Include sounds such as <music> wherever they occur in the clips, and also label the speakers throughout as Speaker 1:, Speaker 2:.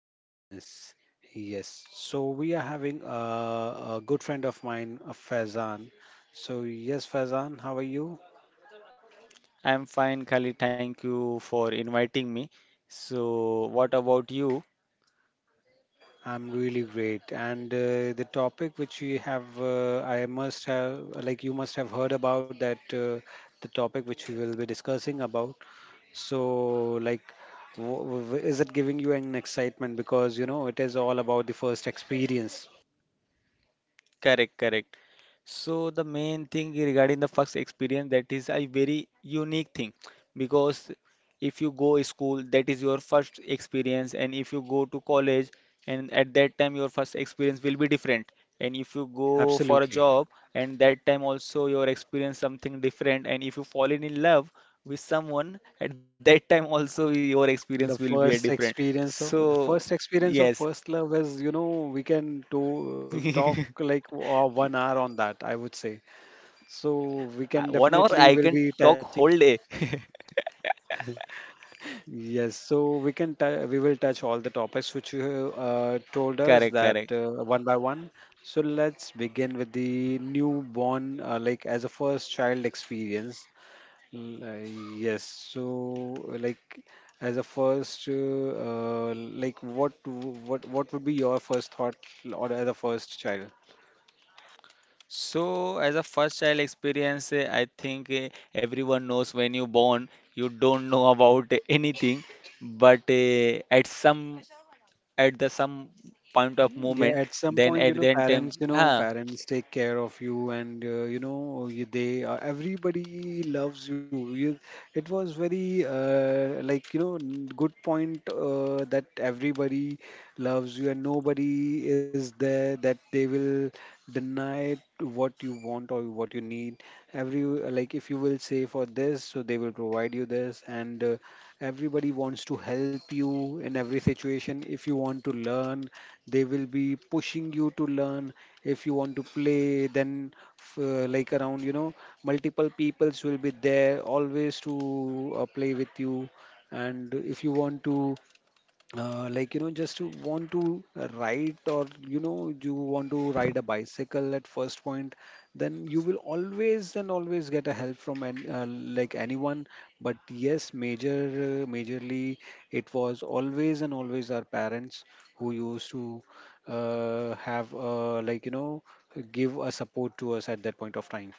Speaker 1: experience. Yes, so we are having a good friend of mine, Faizan. So, yes, Faizan, how are you?
Speaker 2: I'm fine, Khalid. Thank you for inviting me. So, what about you?
Speaker 1: I'm really great. And the topic which we have, I must have, like you must have heard about that, the topic which we will be discussing about. So, like, is it giving you an excitement? Because, it is all about the first experience.
Speaker 2: Correct, correct. So the main thing regarding the first experience that is a very unique thing because if you go school that is your first experience, and if you go to college and at that time your first experience will be different, and if you go for a
Speaker 1: Absolutely.
Speaker 2: job and that time also your experience something different, and if you fall in love with someone at that time also your experience will
Speaker 1: The
Speaker 2: be a
Speaker 1: first
Speaker 2: different.
Speaker 1: experience of the
Speaker 2: So
Speaker 1: first experience
Speaker 2: yes.
Speaker 1: of first love is, we can do talk
Speaker 2: <laughs>
Speaker 1: like 1 hour on that, I would say.
Speaker 2: 1 hour I
Speaker 1: So
Speaker 2: can
Speaker 1: we can
Speaker 2: talk whole
Speaker 1: definitely
Speaker 2: day.
Speaker 1: will be touching. Yes, so we will touch all the topics which you
Speaker 2: Correct,
Speaker 1: told
Speaker 2: correct.
Speaker 1: us that one by one. So let's begin with the newborn, like, as a first child experience. Yes, so like, as a first, like, what what would be your first thought or as a first child?
Speaker 2: So, as a first child experience, I think everyone knows when you born, you don't know about anything, but at some at the some point of
Speaker 1: Yeah,
Speaker 2: moment,
Speaker 1: at some
Speaker 2: then
Speaker 1: point, you
Speaker 2: at
Speaker 1: know
Speaker 2: that time,
Speaker 1: parents you know parents take care of you, and you know you, they everybody loves you. It was very like, good point that everybody loves you, and nobody is there that they will deny to what you want or what you need. Every Like, if you will say for this, so they will provide you this, and everybody wants to help you in every situation. If you want to learn, they will be pushing you to learn. If you want to play, then like, around, multiple peoples will be there always to play with you. And if you want to like, just to want to ride, or you want to ride a bicycle at first point, then you will always and always get a help from like, anyone. But yes, majorly, it was always and always our parents who used to have like, give a support to us at that point of time.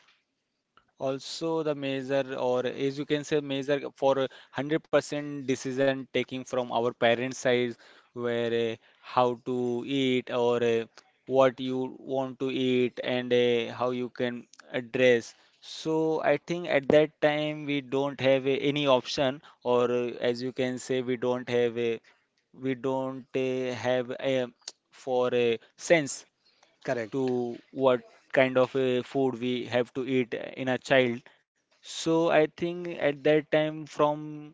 Speaker 2: also, the measure, or as you can say, measure for a 100% decision taking from our parents' side, where how to eat or what you want to eat and how you can address. So, I think at that time we don't have any option, or as you can say, we don't have a, we don't have a, for a sense
Speaker 1: Correct.
Speaker 2: to what kind of a food we have to eat in a child. So I think at that time, from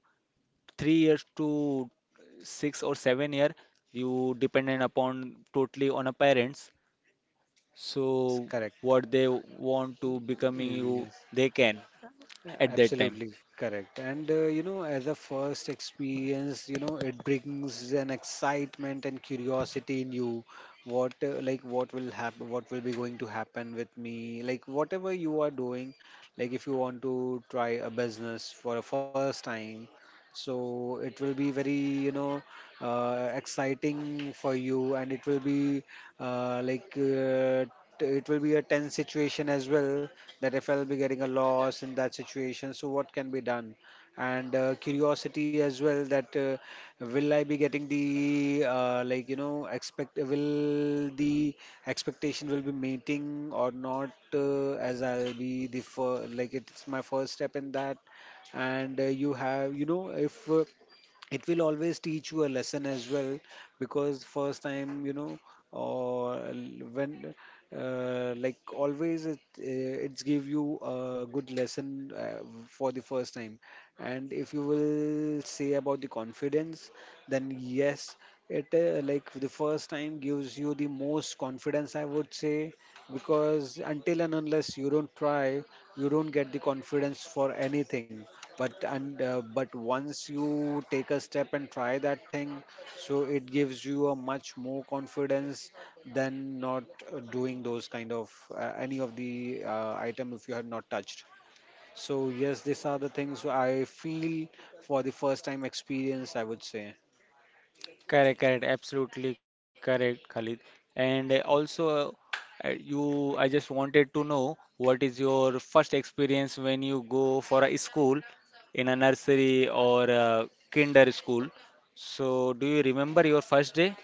Speaker 2: 3 years to 6 or 7 year, you dependent upon totally on a parents. So
Speaker 1: Correct.
Speaker 2: what they want to becoming you,
Speaker 1: Yes.
Speaker 2: they can at that time.
Speaker 1: Absolutely correct. And as a first experience, it brings an excitement and curiosity in you. What will happen? What will be going to happen with me? Like, whatever you are doing, like, if you want to try a business for a first time, so it will be very, exciting for you, and uh, like, uh, it will be a tense situation as well that if I'll be getting a loss in that situation, so what can be done? And curiosity as well that will I be getting the like, you know expect will the expectation will be meeting or not, as I'll be the like, it's my first step in that, and you have you know if. It will always teach you a lesson as well, because first time, when, like, always, it's give you a good lesson for the first time. And if you will say about the confidence, then yes, it like, the first time gives you the most confidence, I would say, because until and unless you don't try, you don't get the confidence for anything. But once you take a step and try that thing, so it gives you a much more confidence than not doing those kind of any of the item if you have not touched. So yes, these are the things I feel for the first time experience, I would say.
Speaker 2: Correct, correct, absolutely correct, Khalid. And also, I just wanted to know what is your first experience when you go for a school in a nursery or a kinder school. So, do you remember your first day?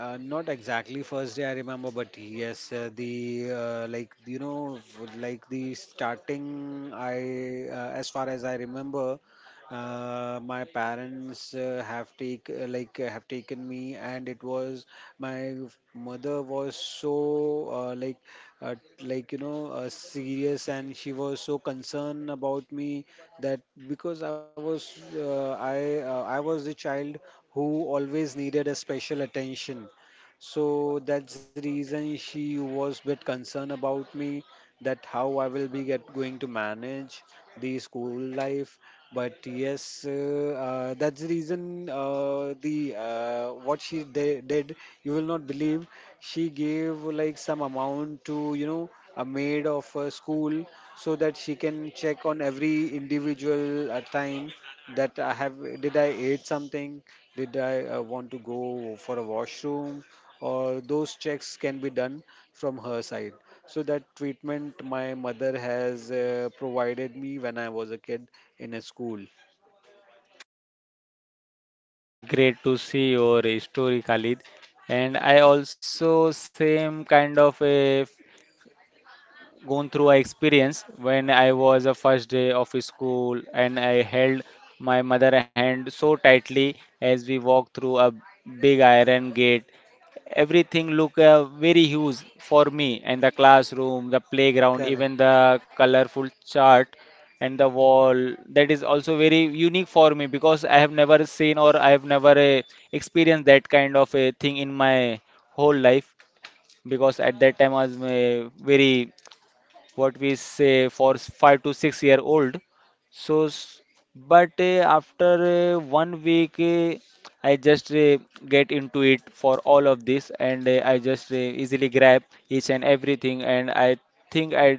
Speaker 1: Not exactly first day I remember, but yes, the like you know f- like the starting, I as far as I remember, my parents have taken me, and it was my mother was so uh, like uh, serious, and she was so concerned about me, that because I was the child who always needed a special attention, so that's the reason she was bit concerned about me, that how I will be get going to manage the school life. But yes, that's the reason, the what she did. You will not believe, she gave like some amount to a maid of a school, so that she can check on every individual time, that I have did I ate something, did I want to go for a washroom, or those checks can be done from her side. So that treatment my mother has provided me when I was a kid in a school.
Speaker 2: Great to see your story, Khalid. And I also same kind of a gone through a experience when I was a first day of school and I held my mother hand so tightly as we walked through a big iron gate. Everything looked very huge for me, and the classroom, the playground,
Speaker 1: Correct.
Speaker 2: even the colorful chart and the wall that is also very unique for me because I have never seen or I have never experienced that kind of a thing in my whole life because at that time I was very what we say for 5 to 6 year old. So, but after 1 week, I just get into it for all of this, and I just easily grab each and everything. And I think I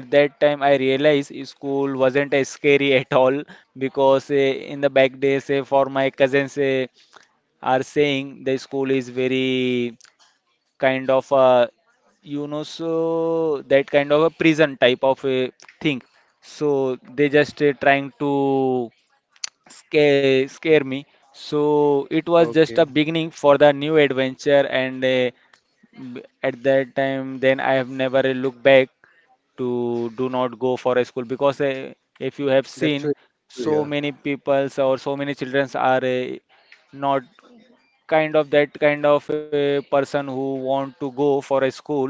Speaker 2: at that time I realized school wasn't as scary at all because in the back days, for my cousins, are saying the school is very kind of you know so that kind of a prison type of a thing, so they just trying to scare me. So it was just a
Speaker 1: Okay.
Speaker 2: beginning for the new adventure, and at that time then I have never looked back to do not go for a school because if you have
Speaker 1: That's really
Speaker 2: seen
Speaker 1: good to
Speaker 2: so
Speaker 1: hear.
Speaker 2: many peoples or so many children are not kind of that kind of a person who want to go for a school,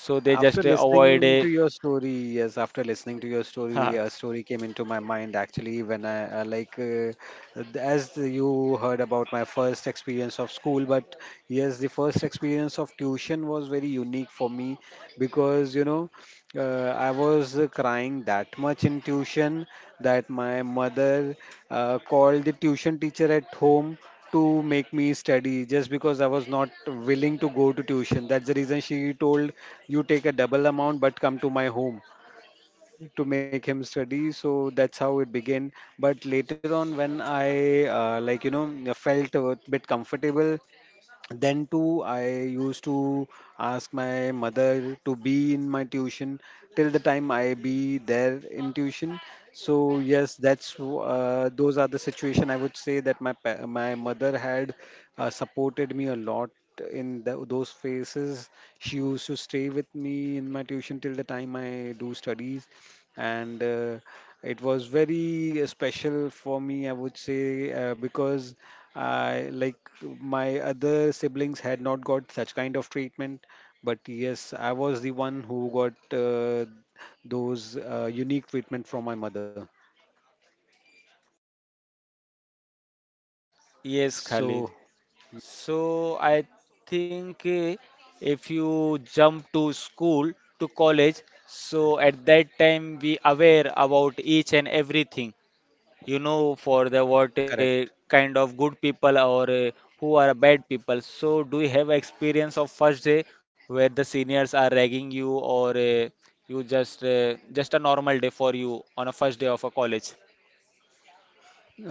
Speaker 2: so they
Speaker 1: After
Speaker 2: just avoid
Speaker 1: listening
Speaker 2: a
Speaker 1: to your story, a
Speaker 2: <laughs>
Speaker 1: story came into my mind, actually, when as you heard about my first experience of school, but yes, the first experience of tuition was very unique for me, because I was crying that much in tuition, that my mother called the tuition teacher at home to make me study, just because I was not willing to go to tuition. That's the reason she told, you take a double amount but come to my home to make him study. So that's how it began. But later on, when I like, felt a bit comfortable, then too, I used to ask my mother to be in my tuition till the time I be there in tuition. So yes, those are the situation, I would say, that my mother had supported me a lot in those phases. She used to stay with me in my tuition till the time I do studies, and it was very special for me, I would say, because I like my other siblings had not got such kind of treatment, but yes, I was the one who got those unique treatment from my mother,
Speaker 2: yes
Speaker 1: so
Speaker 2: Khalid, so I think if you jump to school to college, so at that time we aware about each and everything, you know, for the what
Speaker 1: correct.
Speaker 2: kind of good people or who are bad people. So do you have experience of first day where the seniors are ragging you, or you just a normal day for you on a first day of a college?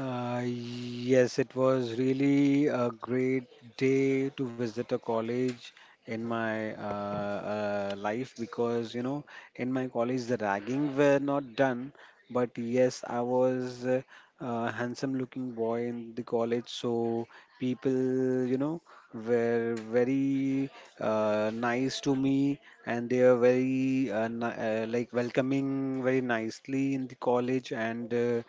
Speaker 1: Yes, it was really a great day to visit a college in my life, because, in my college the ragging were not done, but yes, I was a handsome looking boy in the college, so people were very nice to me, and they were very like, welcoming very nicely in the college. And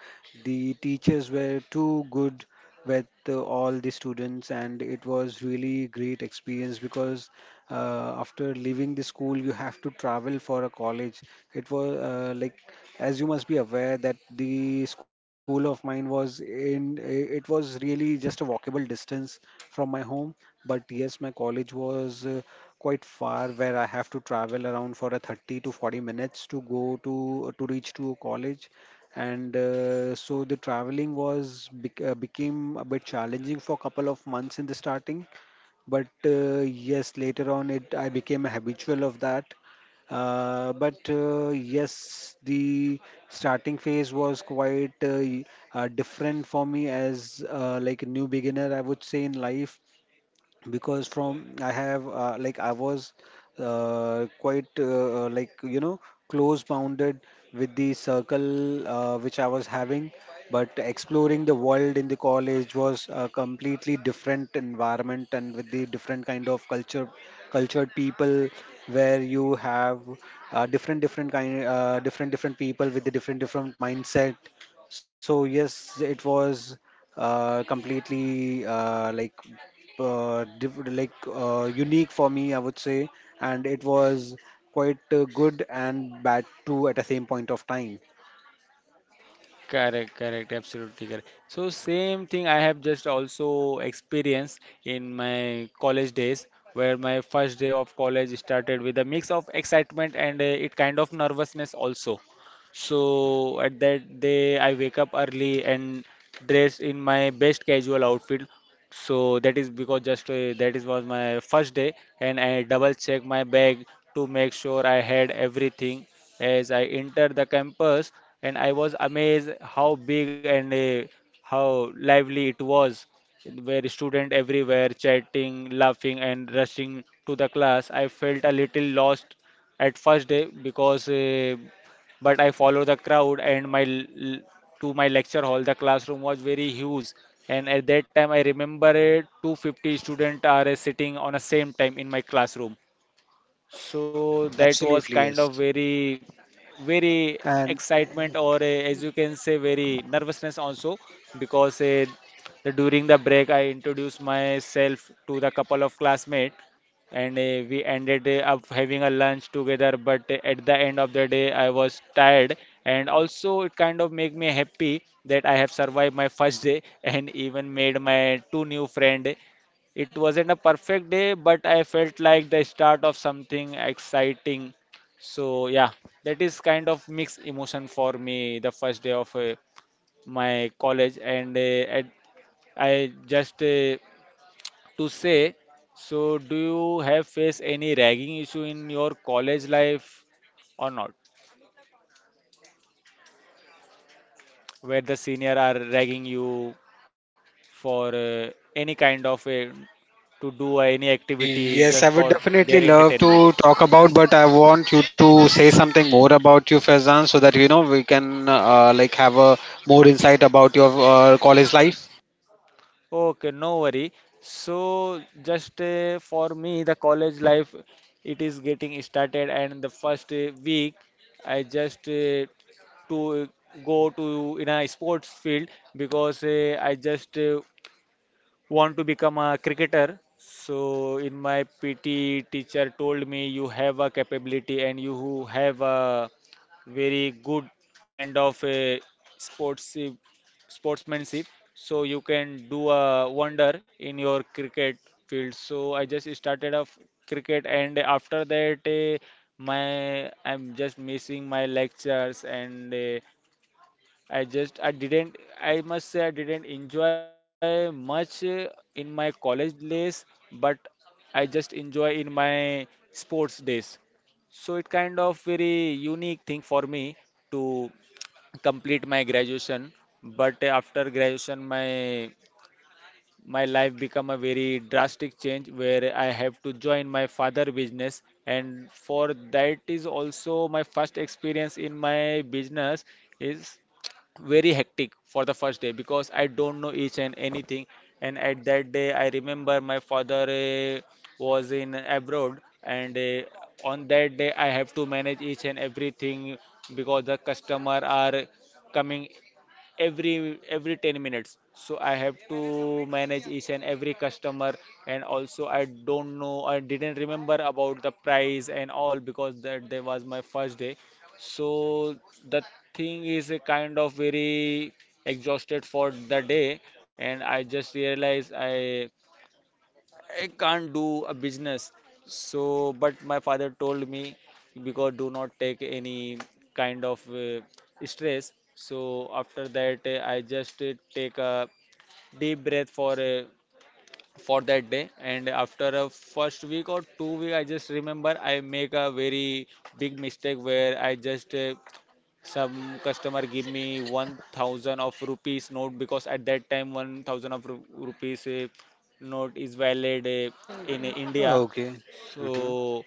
Speaker 1: the teachers were too good with all the students, and it was really great experience, because after leaving the school you have to travel for a college. It was like, as you must be aware that the school of mine was in it was really just a walkable distance from my home. But yes, my college was quite far, where I have to travel around for a 30 to 40 minutes to go to reach to a college. And so the traveling was became a bit challenging for a couple of months in the starting. But yes, later on, it I became a habitual of that. But yes, the starting phase was quite different for me, as like, a new beginner, I would say, in life, because from I have like I was quite close bounded with the circle, which I was having, but exploring the world in the college was a completely different environment and with the different kind of cultured people, where you have different different kind, different different people, with the different different mindset. So yes, it was completely unique for me, I would say, and it was quite good and bad too at the same point of time.
Speaker 2: Correct, correct, absolutely correct. So same thing I have just also experienced in my college days, where my first day of college started with a mix of excitement and it kind of nervousness also. So at that day I wake up early and dress in my best casual outfit, so that is because just that is was my first day, and I double check my bag to make sure I had everything. As I entered the campus, and I was amazed how big and how lively it was. Where student everywhere chatting, laughing, and rushing to the class. I felt a little lost at first day because but I follow the crowd and to my lecture hall. The classroom was very huge, and at that time I remember it, 250 students are sitting on the same time in my classroom. So that was
Speaker 1: Absolutely,
Speaker 2: kind
Speaker 1: yes.
Speaker 2: of very, very
Speaker 1: And
Speaker 2: excitement or as you can say, very nervousness also because during the break I introduced myself to the couple of classmates, and we ended up having a lunch together. But at the end of the day, I was tired, and also it kind of make me happy that I have survived my first day <laughs> and even made my two new friend. It wasn't a perfect day, but I felt like the start of something exciting. So yeah, that is kind of mixed emotion for me. The first day of my college, and I just to say. So, do you have faced any ragging issue in your college life or not? Where the senior are ragging you for any kind of to do any activity just
Speaker 1: yes, I
Speaker 2: for
Speaker 1: would
Speaker 2: their
Speaker 1: definitely love
Speaker 2: entertainment?
Speaker 1: to talk about, but I want you to say something more about you, Faizan, so that we can like, have a more insight about your college life.
Speaker 2: Okay, no worry. So, just for me, the college life it is getting started, and the first week I just to go to in a sports field because I just want to become a cricketer. So in my PT teacher told me you have a capability and you who have a very good kind of a sports sportsmanship. So you can do a wonder in your cricket field. So I just started off cricket, and after that my I'm just missing my lectures, and I didn't, I must say I didn't enjoy much in my college days, but I just enjoy in my sports days. So it kind of very unique thing for me to complete my graduation. But after graduation, my life become a very drastic change where I have to join my father business, and for that is also my first experience in my business is very hectic for the first day because I don't know each and anything. And at that day, I remember my father was in abroad, and on that day I have to manage each and everything because the customer are coming every 10 minutes, so I have to manage each and every customer, and also I don't know, I didn't remember about the price and all because that day was my first day. So the thing is a kind of very exhausted for the day, and I just realized I can't do a business. So, but my father told me because do not take any kind of stress. So after that, I just take a deep breath for that day. And after a first week or 2 week, I just remember I make a very big mistake where I just some customer give me 1000 of rupees note because at that time 1000 of rupees note is valid in India.
Speaker 1: Okay. Hmm.
Speaker 2: So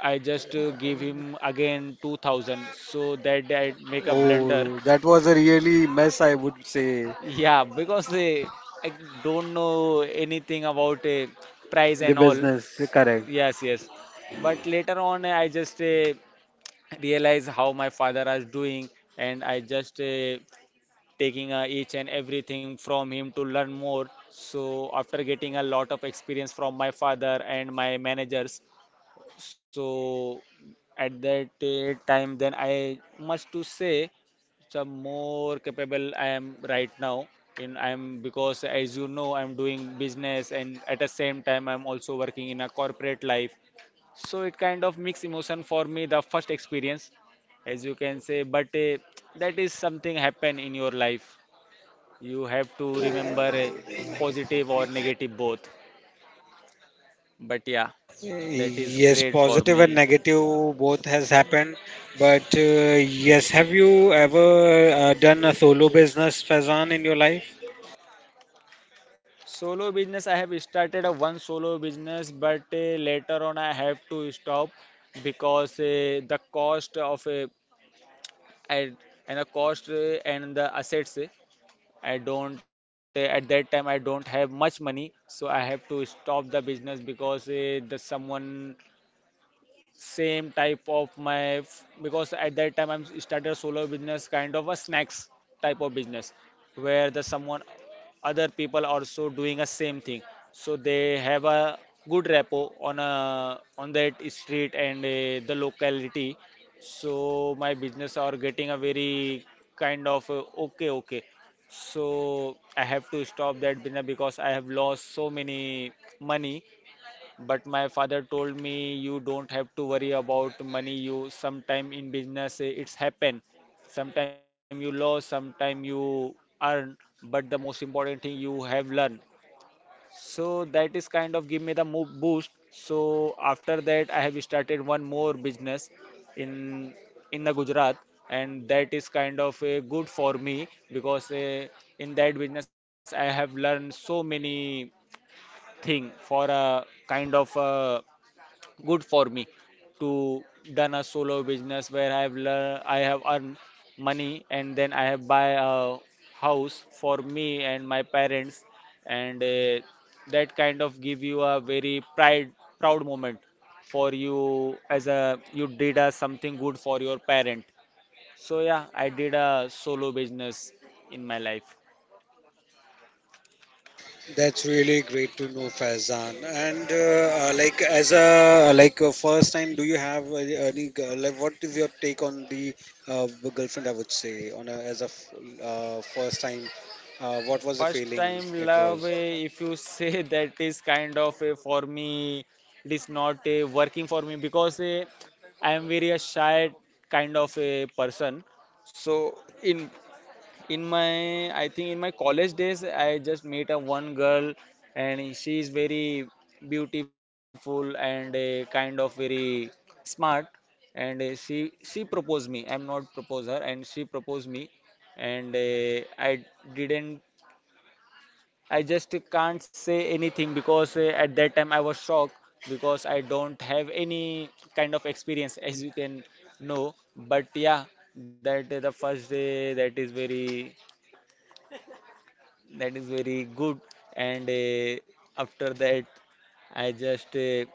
Speaker 2: I just give him again 2000 so that I make a blunder.
Speaker 1: Oh,
Speaker 2: <laughs>
Speaker 1: that was a really mess, I would say.
Speaker 2: Yeah, because I don't know anything about price
Speaker 1: The
Speaker 2: and all.
Speaker 1: business, correct.
Speaker 2: Yes, yes. But later on, I just realized how my father is doing, and I just taking each and everything from him to learn more. So, after getting a lot of experience from my father and my managers, so at that time, then I must to say some more capable I am right now. In I'm because as you know, I'm doing business and at the same time, I'm also working in a corporate life. So it kind of mixed emotion for me, the first experience, as you can say. But that is something happen in your life. You have to remember positive or negative both. But yeah, that is
Speaker 1: Yes,
Speaker 2: great for
Speaker 1: positive and
Speaker 2: me.
Speaker 1: negative both has happened. But yes, have you ever done a solo business, Fazan, in your life?
Speaker 2: Solo business, I have started a one solo business, but later on I have to stop because the cost of I- and the cost and the assets. I don't at that time I don't have much money, so I have to stop the business because the someone same type of my because at that time I'm started a solo business kind of a snacks type of business where the someone other people also doing a same thing, so they have a good rapport on a on that street and the locality. So my business are getting a very kind of okay okay, so I have to stop that business because I have lost so many money. But my father told me you don't have to worry about money. You sometime in business it's happen. Sometime you lose, sometime you earn. But the most important thing you have learned. So that is kind of give me the move boost. So after that I have started one more business in in the Gujarat, and that is kind of a good for me because in that business I have learned so many thing for a kind of good for me to done a solo business where I have learn, I have earned money, and then I have buy a house for me and my parents, and that kind of give you a very pride proud moment for you as a you did a something good for your parent. So yeah, I did a solo business in my life.
Speaker 1: That's really great to know, Faizan. And like, as a first time, do you have any like, what is your take on the uh, girlfriend? I would say on as a first time, what was the
Speaker 2: First
Speaker 1: feeling
Speaker 2: time
Speaker 1: it
Speaker 2: love,
Speaker 1: was?
Speaker 2: if you say <laughs> that is kind of a for me, it is not a working for me because I am very a shy kind of a person. So in my I think in my college days I just met a one girl, and she is very beautiful and a kind of very smart, and she proposed me, I'm not propose her, and she proposed me, and I didn't, I just can't say anything because at that time I was shocked because I don't have any kind of experience as you can know. But yeah, that the first day that is very, that is very good, and after that I just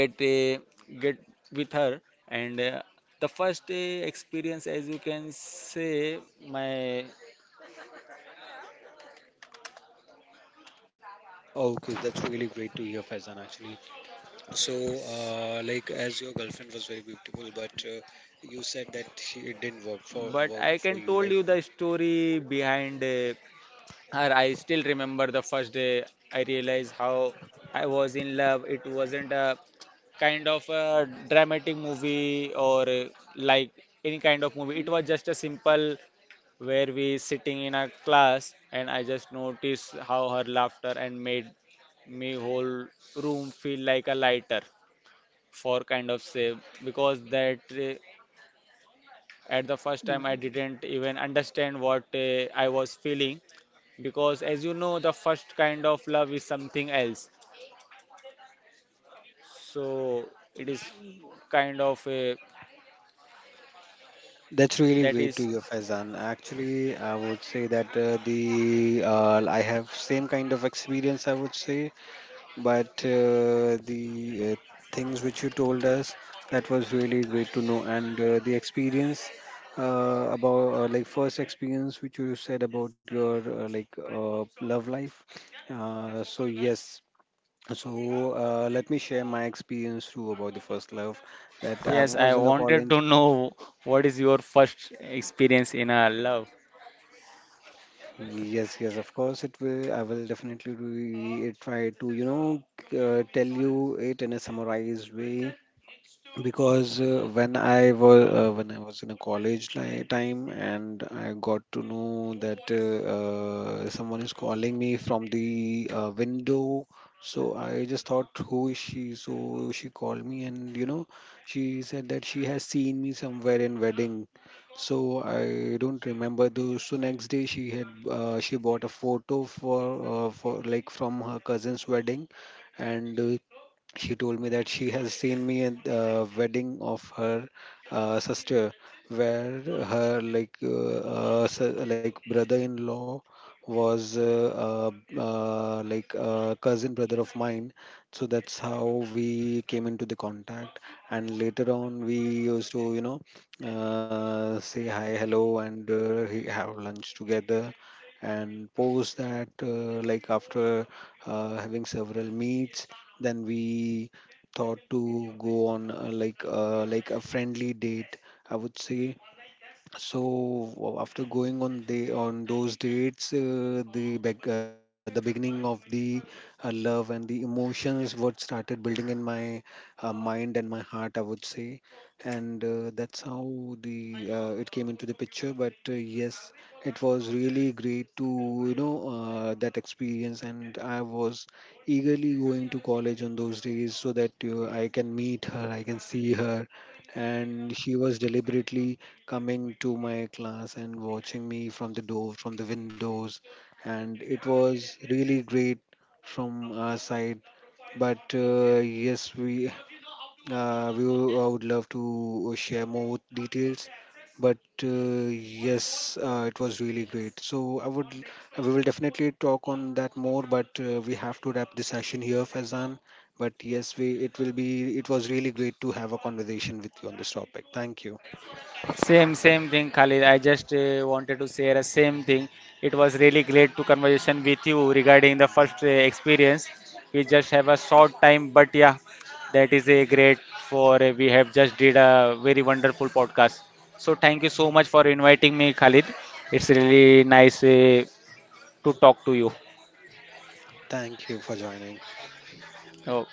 Speaker 2: get uh, get with her, and the first experience as you can say my
Speaker 1: Okay, that's really great to hear, Faizan. Actually, so, like, as your girlfriend was very beautiful, but you said that she it didn't
Speaker 2: but
Speaker 1: worked
Speaker 2: I
Speaker 1: for
Speaker 2: can
Speaker 1: you,
Speaker 2: told
Speaker 1: right?
Speaker 2: you the story behind. Or I still remember the first day I realized how I was in love. It wasn't a kind of a dramatic movie or like any kind of movie. It was just a simple where we sitting in a class, and I just noticed how her laughter and made me whole room feel like a lighter for kind of say, because that at the first time, I didn't even understand what I was feeling because, as you know, the first kind of love is something else. So it is kind of a
Speaker 1: That's really
Speaker 2: that
Speaker 1: great
Speaker 2: is
Speaker 1: to hear, Faizan. Actually, I would say that the I have same kind of experience, I would say, but the things which you told us, that was really great to know, and the experience about like, first experience which you said about your love life. So yes, let me share my experience too about the first love, that I
Speaker 2: yes. I
Speaker 1: was in a
Speaker 2: wanted
Speaker 1: college.
Speaker 2: to know what is your first experience in a love.
Speaker 1: Yes, yes, of course it will. I will definitely try to tell you it in a summarized way, because when I was in a college time, and I got to know that someone is calling me from the window. So I just thought, who is she? So she called me, and she said that she has seen me somewhere in wedding. So I don't remember those. So next day she bought a photo for from her cousin's wedding, and she told me that she has seen me at the wedding of her sister, where her like brother-in-law was cousin brother of mine. So that's how we came into the contact, and later on we used to say hi hello, and have lunch together. And post that like, after having several meets, then we thought to go on like a friendly date, I would say. So, after going on those dates, the beginning of the love and the emotions what started building in my mind and my heart, I would say, and that's how the it came into the picture. But yes, it was really great to that experience, and I was eagerly going to college on those days, so that I can meet her, I can see her, and she was deliberately coming to my class and watching me from the door, from the windows, and it was really great from our side. But yes, we would I would love to share more details. But yes, it was really great, so I would we will definitely talk on that more. But we have to wrap the session here, Fazan. But yes, we it will be it was really great to have a conversation with you on this topic. Thank you.
Speaker 2: Same, same thing, Khalid. I just wanted to share the same thing. It was really great to conversation with you regarding the first experience. We just have a short time, but yeah, that is a great for we have just did a very wonderful podcast. So thank you so much for inviting me, Khalid. It's really nice to talk to you.
Speaker 1: Thank you for joining.
Speaker 2: Oh,